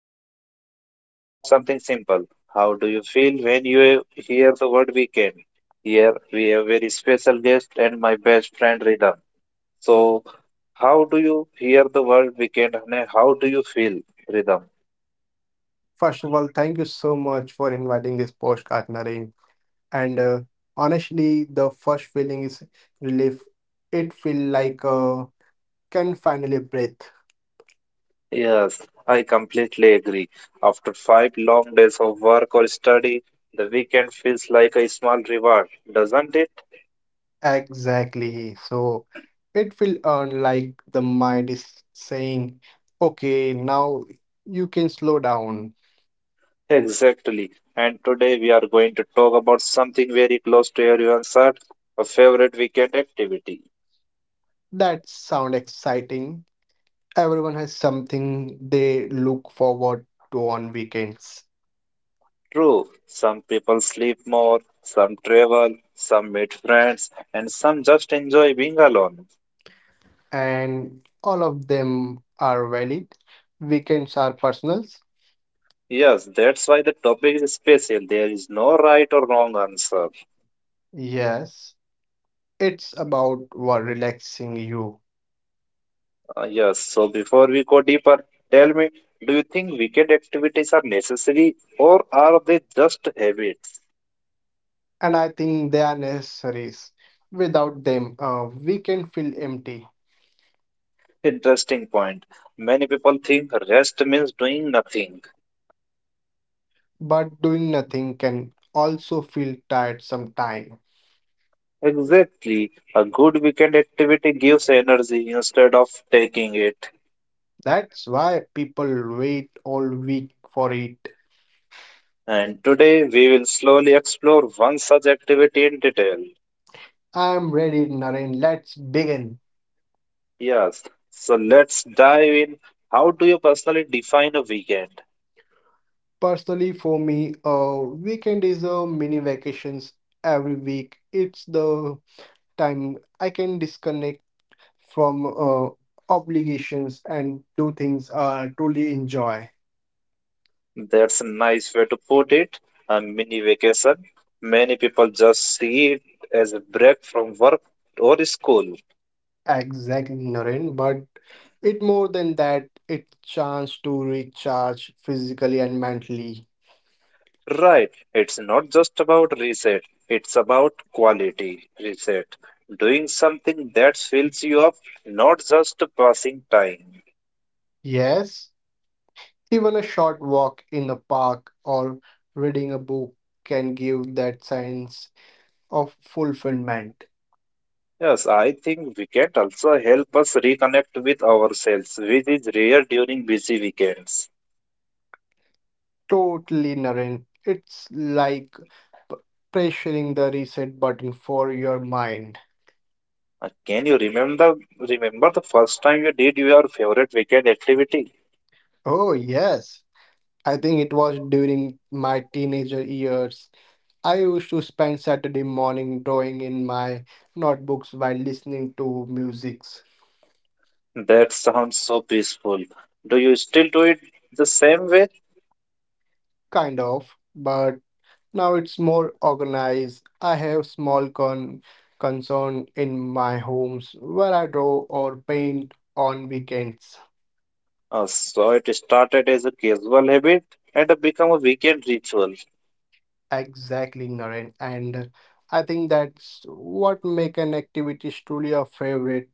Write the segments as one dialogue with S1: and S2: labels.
S1: today. Let me ask you something simple. How do you feel when you hear the word weekend? Here we have very special guest and my best friend Rhythm. So, how do you hear the word weekend and how do you feel, Rhythm?
S2: First of all, thank you so much for inviting this podcast, Naren. And honestly, the first feeling is relief. It feel like can finally breathe.
S1: Yes, I completely agree. After 5 long days of work or study, the weekend feels like a small reward, doesn't it?
S2: Exactly. So it feel earned like the mind is saying, okay, now you can slow down.
S1: Exactly. And today we are going to talk about something very close to everyone's heart, a favorite weekend activity.
S2: That sound exciting. Everyone has something they look forward to on weekends.
S1: True, some people sleep more, some travel, some meet friends, and some just enjoy being alone.
S2: And all of them are valid. Weekends are personals.
S1: Yes, that's why the topic is special. There is no right or wrong answer.
S2: Yes, it's about what relaxing you,
S1: Yes, so before we go deeper, tell me, do you think weekend activities are necessary or are they just habits?
S2: and I think they are necessaries. Without them, we can feel empty,
S1: Interesting point. Many people think rest means doing nothing.
S2: but doing nothing can also feel tired sometime.
S1: Exactly. A good weekend activity gives energy instead of taking it.
S2: That's why people wait all week for it.
S1: And today we will slowly explore one such activity in detail.
S2: I'm ready, Naren. Let's begin.
S1: Yes. So let's dive in. How do you personally define a weekend?
S2: Personally, for me, a weekend is a mini vacations every week. It's the time I can disconnect from obligations and do things I truly enjoy.
S1: That's a nice way to put it. A mini vacation. Many people just see it as a break from work or school.
S2: Exactly, Naren, but it more than that, it's chance to recharge physically and mentally.
S1: Right. It's not just about reset, it's about quality reset. Doing something that fills you up, not just passing time.
S2: Yes, even a short walk in the park or reading a book can give that sense of fulfillment.
S1: Yes, I think weekend also help us reconnect with ourselves, which is rare during busy weekends.
S2: Totally, Naren. It's like p- pressuring the reset button for your mind.
S1: Can you remember the first time you did your favorite weekend activity?
S2: Oh, yes. I think it was during my teenager years. I used to spend Saturday morning drawing in my notebooks while listening to musics.
S1: That sounds so peaceful. Do you still do it the same way?
S2: Kind of, but now it's more organized. I have small concern in my homes where I draw or paint on weekends.
S1: So it started as a casual habit and become a weekend ritual.
S2: Exactly, Naren. And I think that's what make an activity truly a favorite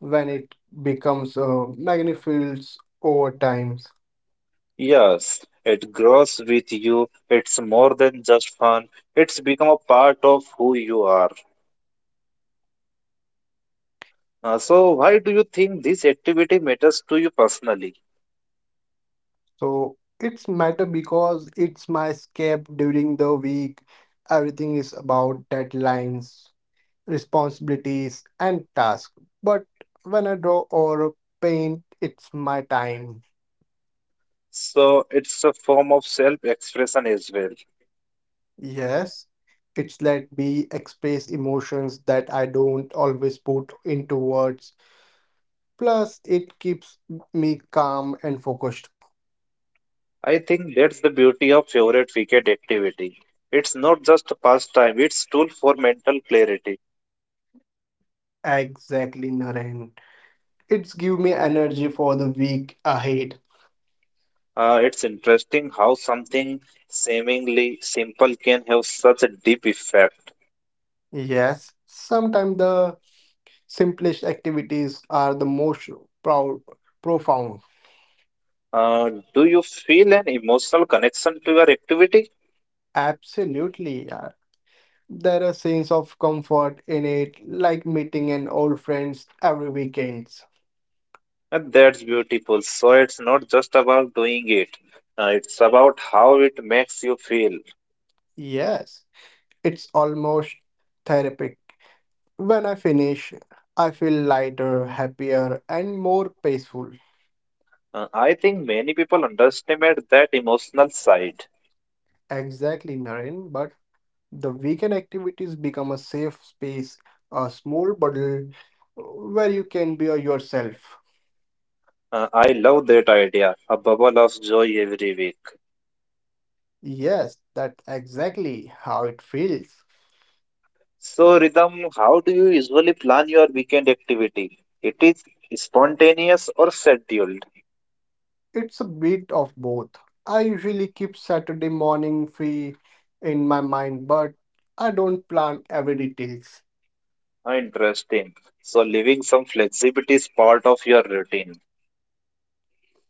S2: when it becomes magnifies over time.
S1: Yes, it grows with you. It's more than just fun. It's become a part of who you are. So why do you think this activity matters to you personally?
S2: So it's matter because it's my escape during the week. Everything is about deadlines, responsibilities, and tasks. But when I draw or paint, it's my time.
S1: So it's a form of self-expression as well.
S2: Yes, it's let me express emotions that I don't always put into words. Plus, it keeps me calm and focused.
S1: I think that's the beauty of favorite weekend activity. It's not just a pastime, it's tool for mental clarity.
S2: Exactly, Naren. It's give me energy for the week ahead.
S1: It's interesting how something seemingly simple can have such a deep effect.
S2: Yes, sometimes the simplest activities are the most proud, profound.
S1: Do you feel an emotional connection to your activity?
S2: Absolutely, yeah. There are sense of comfort in it, like meeting an old friends every weekends.
S1: And that's beautiful. So it's not just about doing it. It's about how it makes you feel.
S2: Yes. It's almost therapeutic. When I finish, I feel lighter, happier, and more peaceful.
S1: I think many people underestimate that emotional side.
S2: Exactly, Naren. But the weekend activities become a safe space, a small bubble where you can be yourself.
S1: I love that idea, a bubble of joy every week.
S2: Yes, that's exactly how it feels.
S1: So, Rhythm, how do you usually plan your weekend activity? It is spontaneous or scheduled?
S2: It's a bit of both. I usually keep Saturday morning free in my mind, but I don't plan every details.
S1: Ah, interesting. So, leaving some flexibility is part of your routine.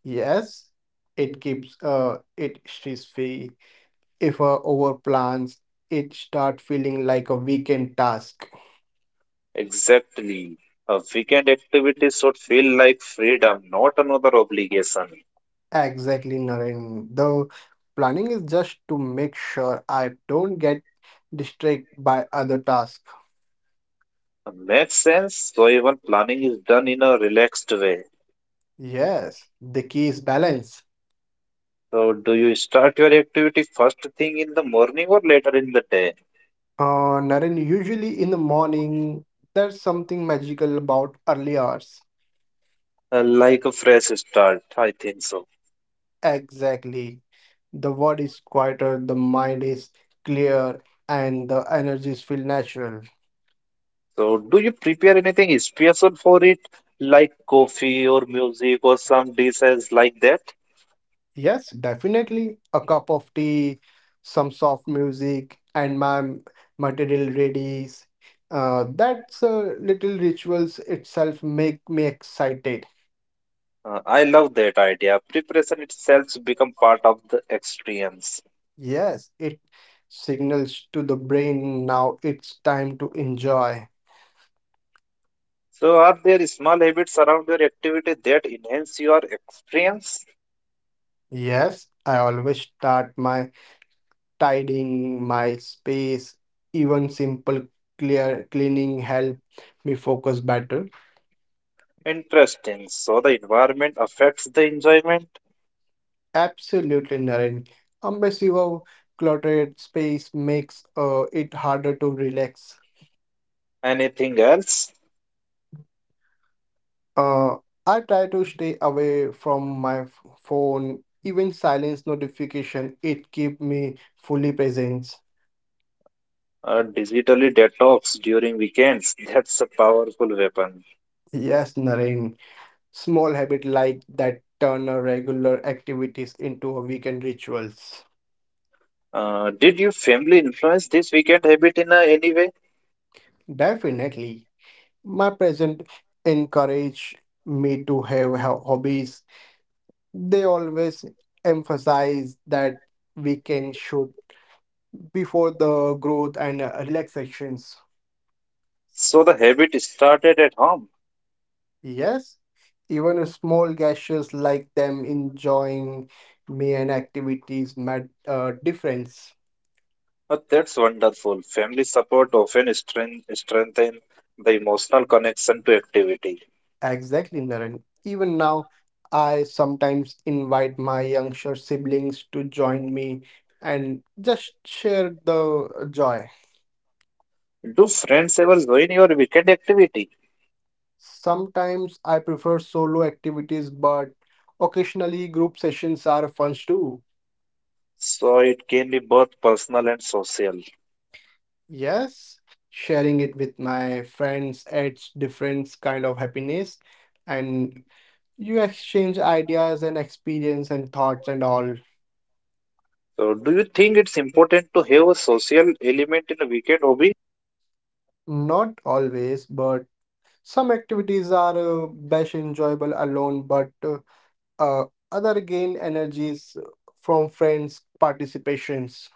S2: Yes, it keeps it stress-free. If overplans, it start feeling like a weekend task.
S1: Exactly. A weekend activity should feel like freedom, not another obligation.
S2: Exactly, Naren. The planning is just to make sure I don't get distracted by other tasks.
S1: Makes sense. So, even planning is done in a relaxed way.
S2: Yes, the key is balance.
S1: So, do you start your activity first thing in the morning or later in the day?
S2: Naren, usually in the morning, there's something magical about early hours.
S1: Like a fresh start, I think so.
S2: Exactly. The body is quieter, the mind is clear, and the energies feel natural.
S1: So, do you prepare anything special for it, like coffee or music or some dishes like that?
S2: Yes, definitely. A cup of tea, some soft music, and my material readies. That's little rituals itself make me excited.
S1: I love that idea. Preparation itself become part of the experience.
S2: Yes, it signals to the brain now it's time to enjoy.
S1: So, are there small habits around your activity that enhance your experience?
S2: Yes, I always start my tidying my space, even simple clear cleaning help me focus better.
S1: Interesting. So, the environment affects the enjoyment.
S2: Absolutely, Naren. A massive cluttered space makes it harder to relax.
S1: Anything else?
S2: Uh, I try to stay away from my phone, even silence notification. It keep me fully present.
S1: Digitally detox during weekends. That's a powerful weapon.
S2: Yes, Naren. Small habit like that turn a regular activities into a weekend rituals.
S1: Did your family influence this weekend habit in any way?
S2: Definitely. My present encourage me to have hobbies. They always emphasize that weekend should be for the growth and relaxations.
S1: So the habit started at home.
S2: Yes, even a small gestures like them enjoying me and activities made a difference.
S1: That's wonderful. Family support often strengthen the emotional connection to activity.
S2: Exactly, Naren. Even now, I sometimes invite my younger siblings to join me and just share the joy.
S1: Do friends ever join your weekend activity?
S2: Sometimes I prefer solo activities, but occasionally group sessions are fun too.
S1: So it can be both personal and social.
S2: Yes, sharing it with my friends adds different kind of happiness and you exchange ideas and experience and thoughts and all.
S1: So do you think it's important to have a social element in a weekend hobby?
S2: Not always, but some activities are best enjoyable alone, but uh, other gain energies from friends' participations.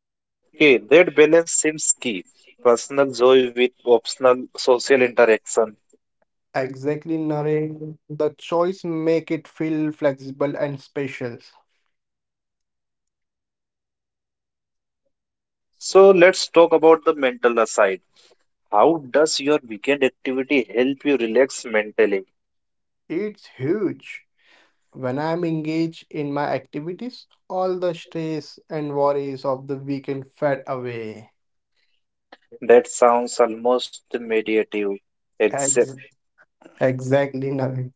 S1: Okay, that balance seems key. Personal joy with optional social interaction.
S2: Exactly, Naren. The choice make it feel flexible and special.
S1: So let's talk about the mental side. How does your weekend activity help you relax mentally?
S2: It's huge. When I'm engaged in my activities, all the stress and worries of the weekend fade away.
S1: That sounds almost meditative. Except,
S2: Ex- exactly, Naren.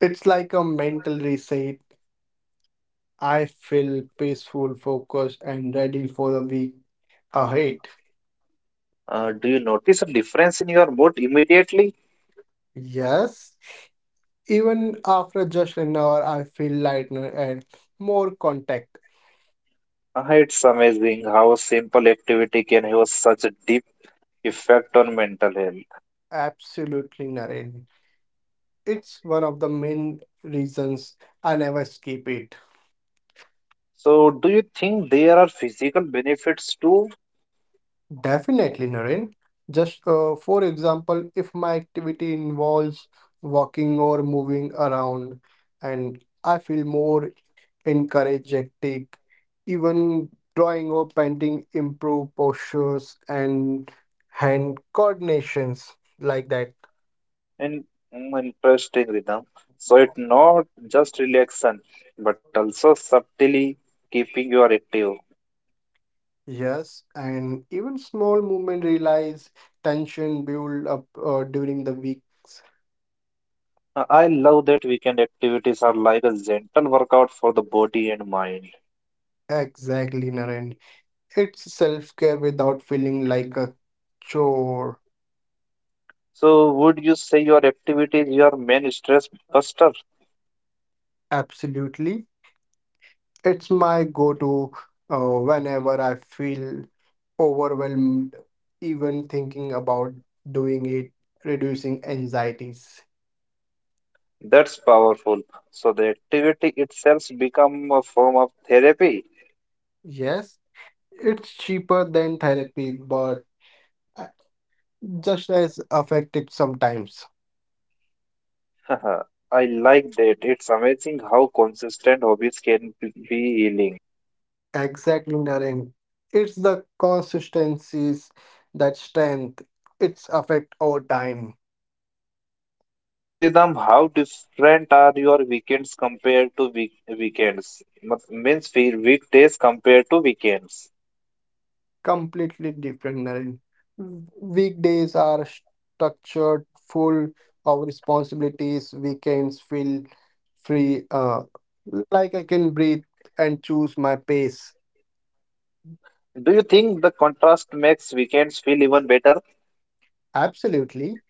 S2: It's like a mental reset. I feel peaceful, focused, and ready for the week ahead.
S1: do you notice a difference in your mood immediately?
S2: Yes, even after just an hour, I feel lighter and more contact.
S1: It's amazing how a simple activity can have such a deep effect on mental health.
S2: Absolutely, Naren. It's one of the main reasons I never skip it.
S1: So, do you think there are physical benefits too?
S2: Definitely, Naren. Just for example, if my activity involves walking or moving around, and I feel more energetic, even drawing or painting improve postures and hand coordinations like that.
S1: And mm, interesting rhythm. So it's not just relaxation, but also subtly keeping you active.
S2: Yes, and even small movement realize tension build up during the weeks.
S1: I love that weekend activities are like a gentle workout for the body and mind.
S2: Exactly, Naren. It's self-care without feeling like a chore.
S1: So, would you say your activity is your main stress buster?
S2: Absolutely. It's my go-to whenever I feel overwhelmed, even thinking about doing it, reducing anxieties.
S1: That's powerful. So, the activity itself become a form of therapy.
S2: Yes, it's cheaper than therapy, but uh, just as effective sometimes.
S1: I like that. It's amazing how consistent hobbies can be healing.
S2: Exactly, Naren. It's the consistencies that strength its affect over time.
S1: So, Ridham, how different are your weekends compared to weekends? Means, weekdays compared to weekends.
S2: Completely different, Naren. Mm. Weekdays are structured, full of responsibilities. Weekends feel free, like I can breathe and choose my pace.
S1: Do you think the contrast makes weekends feel even better?
S2: Absolutely.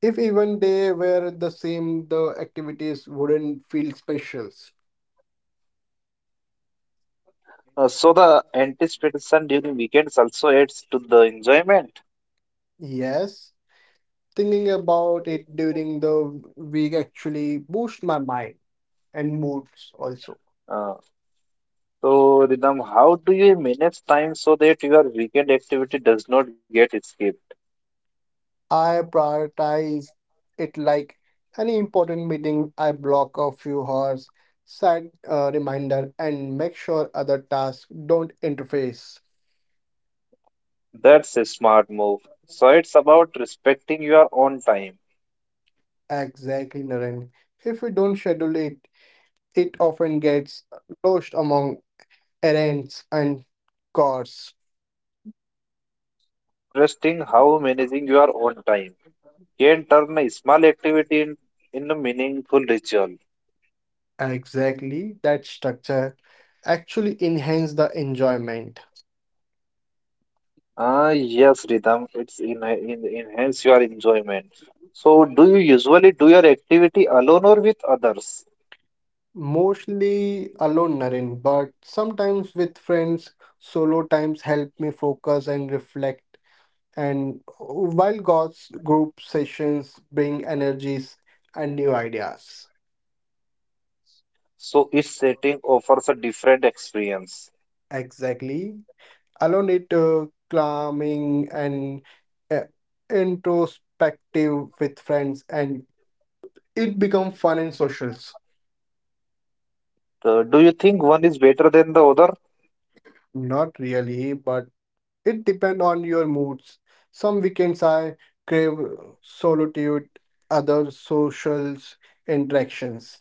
S2: If even they were the same, the activities wouldn't feel specials.
S1: So the anticipation during weekends also adds to the enjoyment.
S2: Yes, thinking about it during the week actually boosts my mind and moods also.
S1: Uh, so Ridham, how do you manage time so that your weekend activity does not get skipped?
S2: I prioritize it like any important meeting. I block a few hours, set a reminder, and make sure other tasks don't interface.
S1: That's a smart move. So it's about respecting your own time.
S2: Exactly, Naren. If we don't schedule it, it often gets lost among errands and chores.
S1: It's interesting how managing your own time can turn a small activity in a meaningful ritual.
S2: Exactly, that structure actually enhance the enjoyment.
S1: Ah, yes, Ritam, it's in enhance your enjoyment. So, do you usually do your activity alone or with others?
S2: Mostly alone, Naren, but sometimes with friends, solo times help me focus and reflect. And while God's group sessions bring energies and new ideas.
S1: So, each setting offers a different experience.
S2: Exactly. Alone it calming and uh, introspective with friends, and it become fun and socials.
S1: Do you think one is better than the other?
S2: Not really, but it depends on your moods. Some weekends I crave solitude, other social interactions.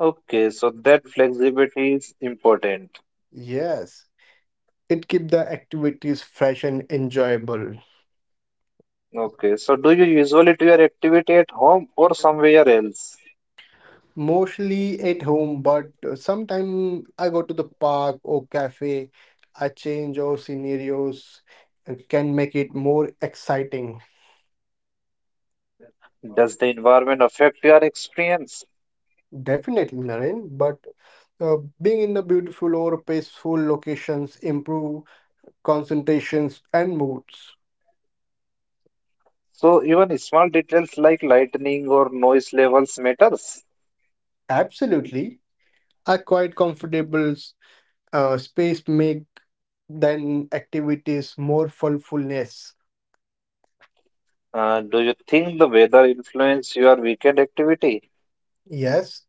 S1: Okay, so that flexibility is important.
S2: Yes, it keeps the activities fresh and enjoyable.
S1: Okay, so do you usually do your activity at home or somewhere else?
S2: Mostly at home, but sometimes I go to the park or cafe. I change our scenarios and can make it more exciting.
S1: Does the environment affect your experience?
S2: Definitely, Naren, but being in the beautiful or peaceful locations improve concentrations, and moods.
S1: So even small details like lightning or noise levels matters.
S2: Absolutely. A quite comfortable space make then activities more fulfulness.
S1: Do you think the weather influence your weekend activity?
S2: Yes,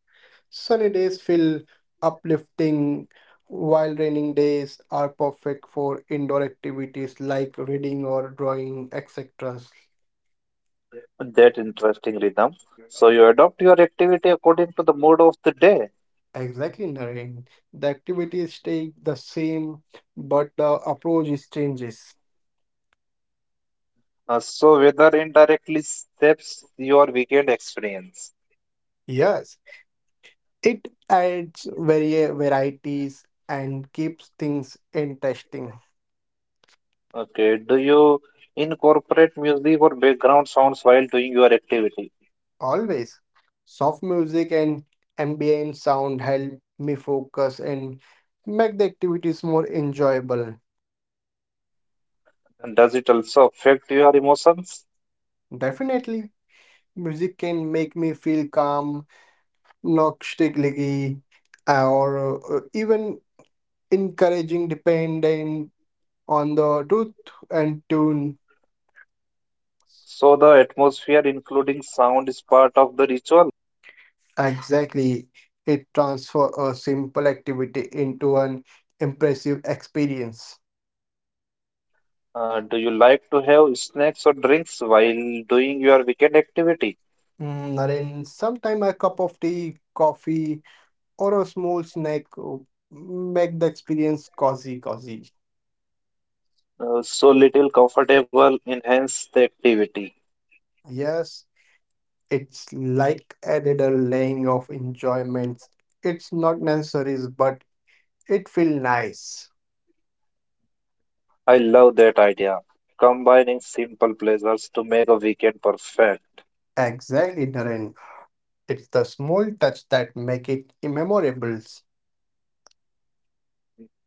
S2: sunny days feel uplifting, while raining days are perfect for indoor activities like reading or drawing, etc.
S1: That interesting rhythm. So you adopt your activity according to the mood of the day.
S2: Exactly, Naren. The activities stay the same, but the approach is changes.
S1: So weather indirectly shapes your weekend experience.
S2: Yes, it adds varieties and keeps things interesting.
S1: Okay. Do you incorporate music or background sounds while doing your activity?
S2: Always. Soft music and ambient sound help me focus and make the activities more enjoyable.
S1: And does it also affect your emotions?
S2: Definitely, music can make me feel calm, nostalgic, or even encouraging, dependent on the truth and tune.
S1: So the atmosphere, including sound, is part of the ritual.
S2: Exactly. It transfer a simple activity into an impressive experience.
S1: Do you like to have snacks or drinks while doing your weekend activity?
S2: Mm, Naren, sometime a cup of tea, coffee, or a small snack make the experience cozy, cozy.
S1: So little comfortable enhance the activity.
S2: Yes, it's like added a laying of enjoyments. It's not necessary, but it feel nice.
S1: I love that idea. Combining simple pleasures to make a weekend perfect.
S2: Exactly, Naren. It's the small touch that make it memorable.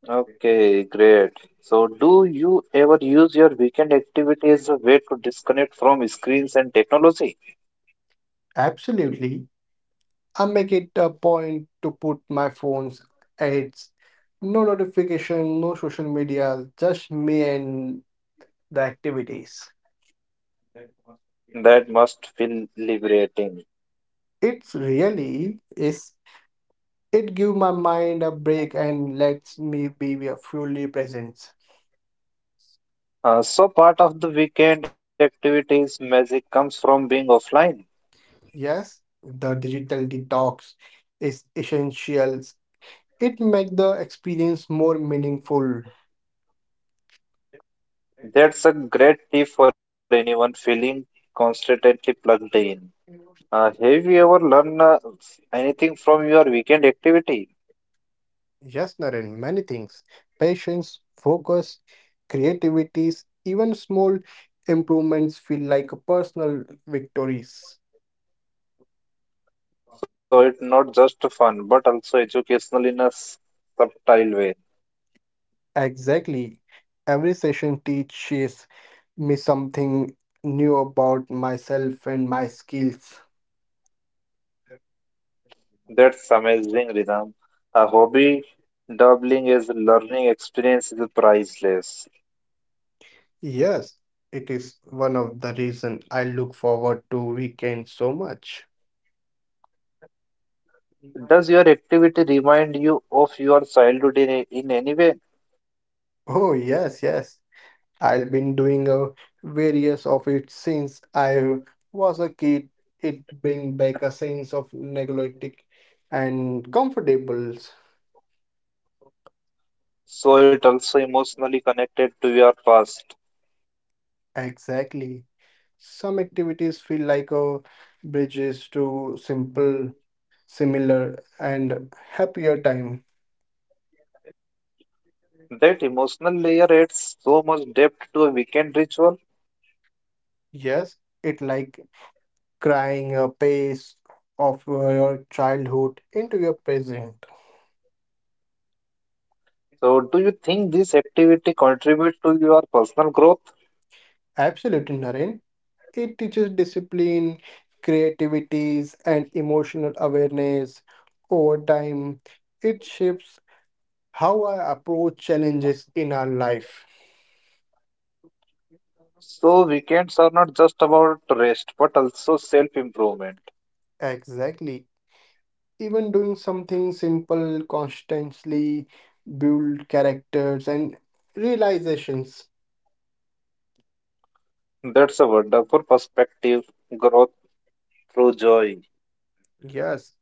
S1: Okay, great. So, do you ever use your weekend activity as a way to disconnect from screens and technology?
S2: Absolutely. I make it a point to put my phone's ads, no notification, no social media, just me and the activities.
S1: That must feel liberating.
S2: It's really is it give my mind a break and lets me be a fully present.
S1: So, part of the weekend activities magic comes from being offline.
S2: Yes, the digital detox is essential. It make the experience more meaningful.
S1: That's a great tip for anyone feeling constantly plugged in. Have you ever learned anything from your weekend activity?
S2: Yes, Naren, many things. Patience, focus, creativities, even small improvements feel like personal victories.
S1: So it's not just fun, but also educational in a subtle way.
S2: Exactly. Every session teaches me something new about myself and my skills.
S1: That's amazing, Ridham. A hobby doubling as a learning experience is priceless.
S2: Yes, it is one of the reason I look forward to weekends so much.
S1: Does your activity remind you of your childhood in in any way?
S2: Oh, yes. I've been doing a various of it since I was a kid. It bring back a sense of neglectic and comfortables.
S1: So it also emotionally connected to your past.
S2: Exactly. Some activities feel like a bridges to simple, similar, and happier time.
S1: That emotional layer adds so much depth to a weekend ritual.
S2: Yes, it like crying a pace of your childhood into your present.
S1: So, do you think this activity contributes to your personal growth?
S2: Absolutely, Naren. It teaches discipline, creativities, and emotional awareness. Over time, it shapes how I approach challenges in our life.
S1: So, weekends are not just about rest but also self improvement.
S2: Exactly. Even doing something simple constantly build characters and realizations.
S1: That's a wonderful perspective, growth through joy.
S2: Yes,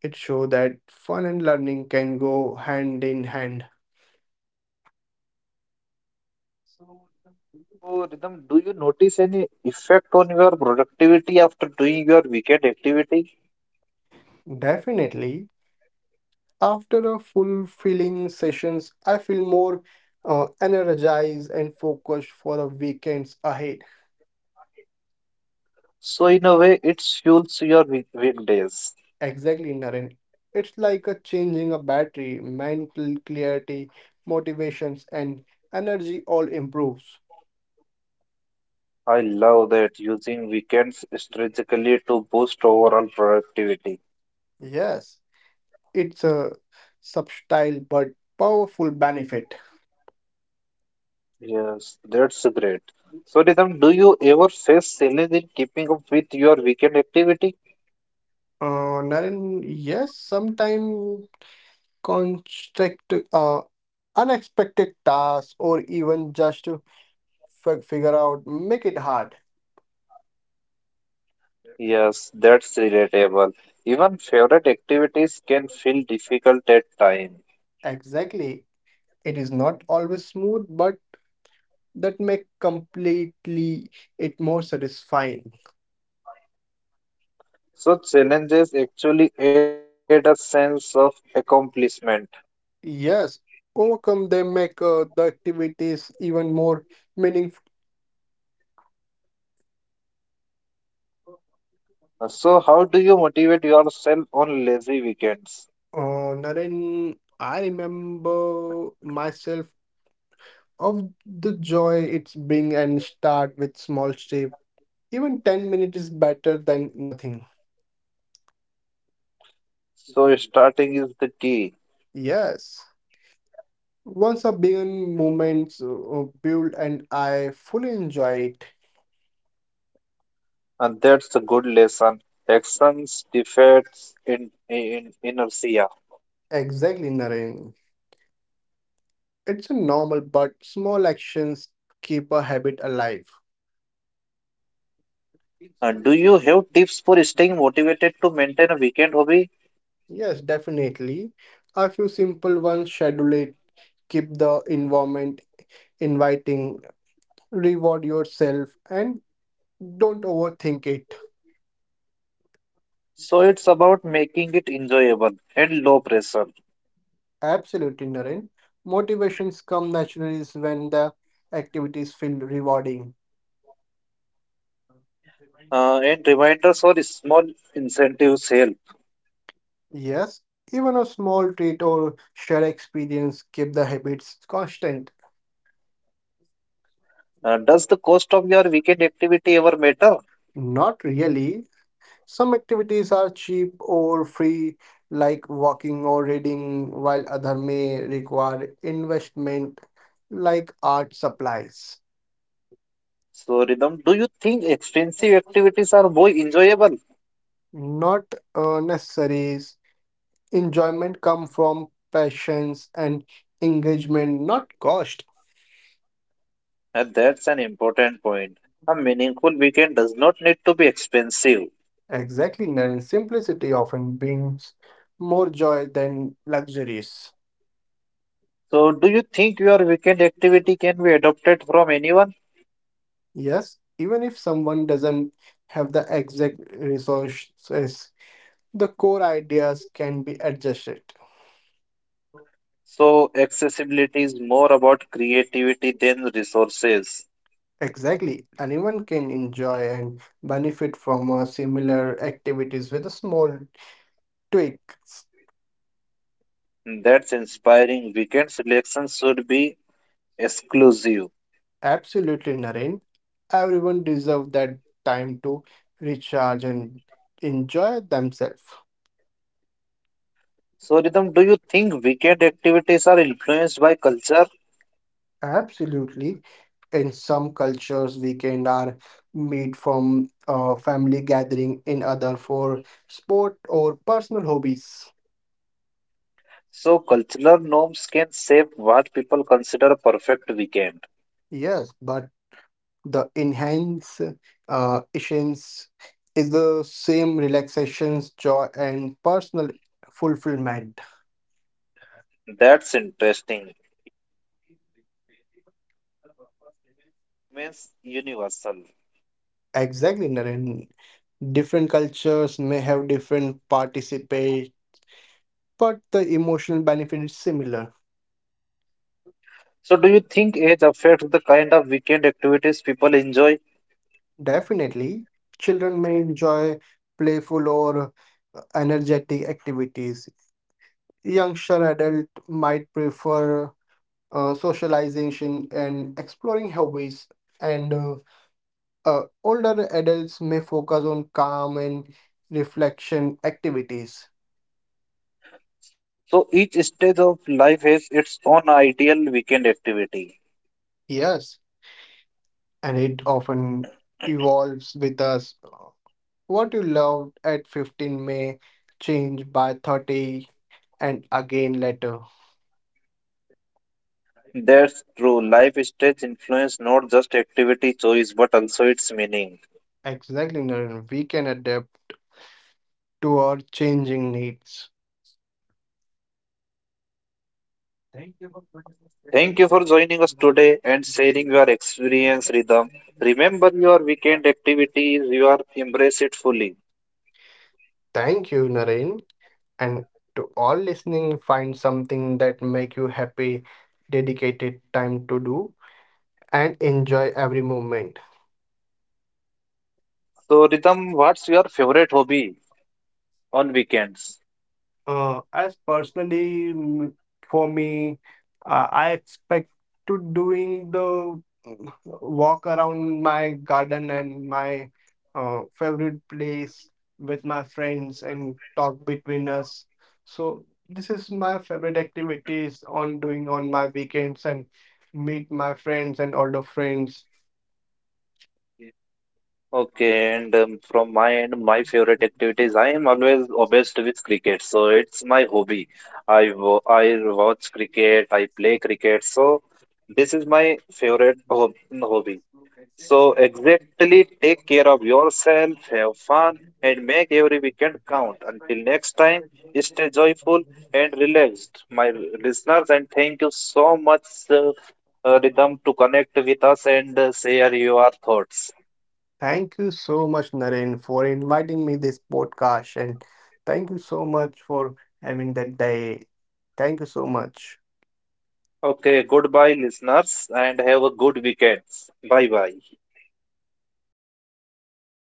S2: it shows that fun and learning can go hand in hand.
S1: So, Rhythm, do you notice any effect on your productivity after doing your weekend activity?
S2: Definitely. After a fulfilling sessions, I feel more energized and focused for the weekends ahead.
S1: So, in a way, it fuels your weekdays.
S2: Exactly, Naren. It's like a changing a battery, mental clarity, motivations, and energy all improves.
S1: I love that using weekends strategically to boost overall productivity.
S2: Yes, it's a subtle but powerful benefit.
S1: Yes, that's great. So, Rhythm, do you ever face challenge in keeping up with your weekend activity?
S2: Naren, yes, sometimes construct unexpected tasks or even just figure out, make it hard.
S1: Yes, that's relatable. Even favorite activities can feel difficult at times.
S2: Exactly. It is not always smooth, but that make completely it more satisfying.
S1: So, challenges actually add a sense of accomplishment.
S2: Yes, overcome them make the activities even more meaningful.
S1: So, how do you motivate yourself on lazy weekends?
S2: Naren, I remember myself of the joy it's bring and start with small step. Even 10 minutes is better than nothing.
S1: So, starting is the key,
S2: Yes. Once a billion moments build and I fully enjoy it.
S1: and that's a good lesson. Actions defeats in inertia.
S2: Exactly, Naren. It's a normal but small actions keep a habit alive.
S1: Do you have tips for staying motivated to maintain a weekend hobby?
S2: Yes, definitely. A few simple ones schedule it, keep the environment inviting, reward yourself, and don't overthink it.
S1: So it's about making it enjoyable and low pressure.
S2: Absolutely, Naren. Motivations come naturally when the activities feel rewarding.
S1: And reminders or small incentives help.
S2: Yes, even a small treat or shared experience keep the habits constant.
S1: Does the cost of your weekend activity ever matter?
S2: Not really. Some activities are cheap or free, like walking or reading, while other may require investment, like art supplies.
S1: So, Rhythm, do you think expensive activities are more enjoyable?
S2: Not necessaries. Enjoyment come from passions and engagement, not cost.
S1: That's an important point. A meaningful weekend does not need to be expensive.
S2: Exactly, Naren. Simplicity often brings more joy than luxuries.
S1: So, do you think your weekend activity can be adopted from anyone?
S2: Yes, even if someone doesn't have the exact resources, the core ideas can be adjusted.
S1: So, accessibility is more about creativity than resources.
S2: Exactly, anyone can enjoy and benefit from similar activities with a small tweaks.
S1: That's inspiring. Weekend selections should be exclusive.
S2: Absolutely, Naren. Everyone deserves that time to recharge and enjoy themselves.
S1: So, Rhythm, do you think weekend activities are influenced by culture?
S2: Absolutely. In some cultures, weekend are made from family gathering, in other for sport or personal hobbies.
S1: So, cultural norms can shape what people consider a perfect weekend.
S2: Yes, but the enhance essence is the same relaxations, joy, and personal fulfillment.
S1: That's interesting. Means universal.
S2: Exactly, Naren. Different cultures may have different participate, but the emotional benefit is similar.
S1: So, do you think age affects the kind of weekend activities people enjoy?
S2: Definitely, children may enjoy playful or energetic activities. Youngster adult might prefer socialization and exploring hobbies, and older adults may focus on calm and reflection activities.
S1: So, each stage of life has its own ideal weekend activity.
S2: Yes, and it often evolves with us. What you loved at 15 may change by 30 and again later.
S1: That's true. Life stage influence not just activity choice but also its meaning.
S2: Exactly, Naren. We can adapt to our changing needs.
S1: Thank you for joining us today and sharing your experience, Rhythm. Remember your weekend activities, you are embrace it fully.
S2: Thank you, Naren. And to all listening, find something that make you happy, dedicated time to do, and enjoy every moment.
S1: So, Rhythm, what's your favorite hobby on weekends?
S2: As personally, for me, I expect to doing the mm, walk around my garden and my favorite place with my friends and talk between us. So this is my favorite activities on doing on my weekends and meet my friends and older friends.
S1: Okay, and from my end, my favorite activities. I am always obsessed with cricket, so it's my hobby. I watch cricket, I play cricket, so this is my favorite hobby. So exactly take care of yourself, have fun, and make every weekend count. Until next time, stay joyful and relaxed, my listeners. And thank you so much, uh, Rhythm, to connect with us and share your thoughts.
S2: Thank you so much, Naren, for inviting me this podcast, and thank you so much for having that day. Thank you so much.
S1: Okay, goodbye, listeners, and have a good weekend. Bye bye.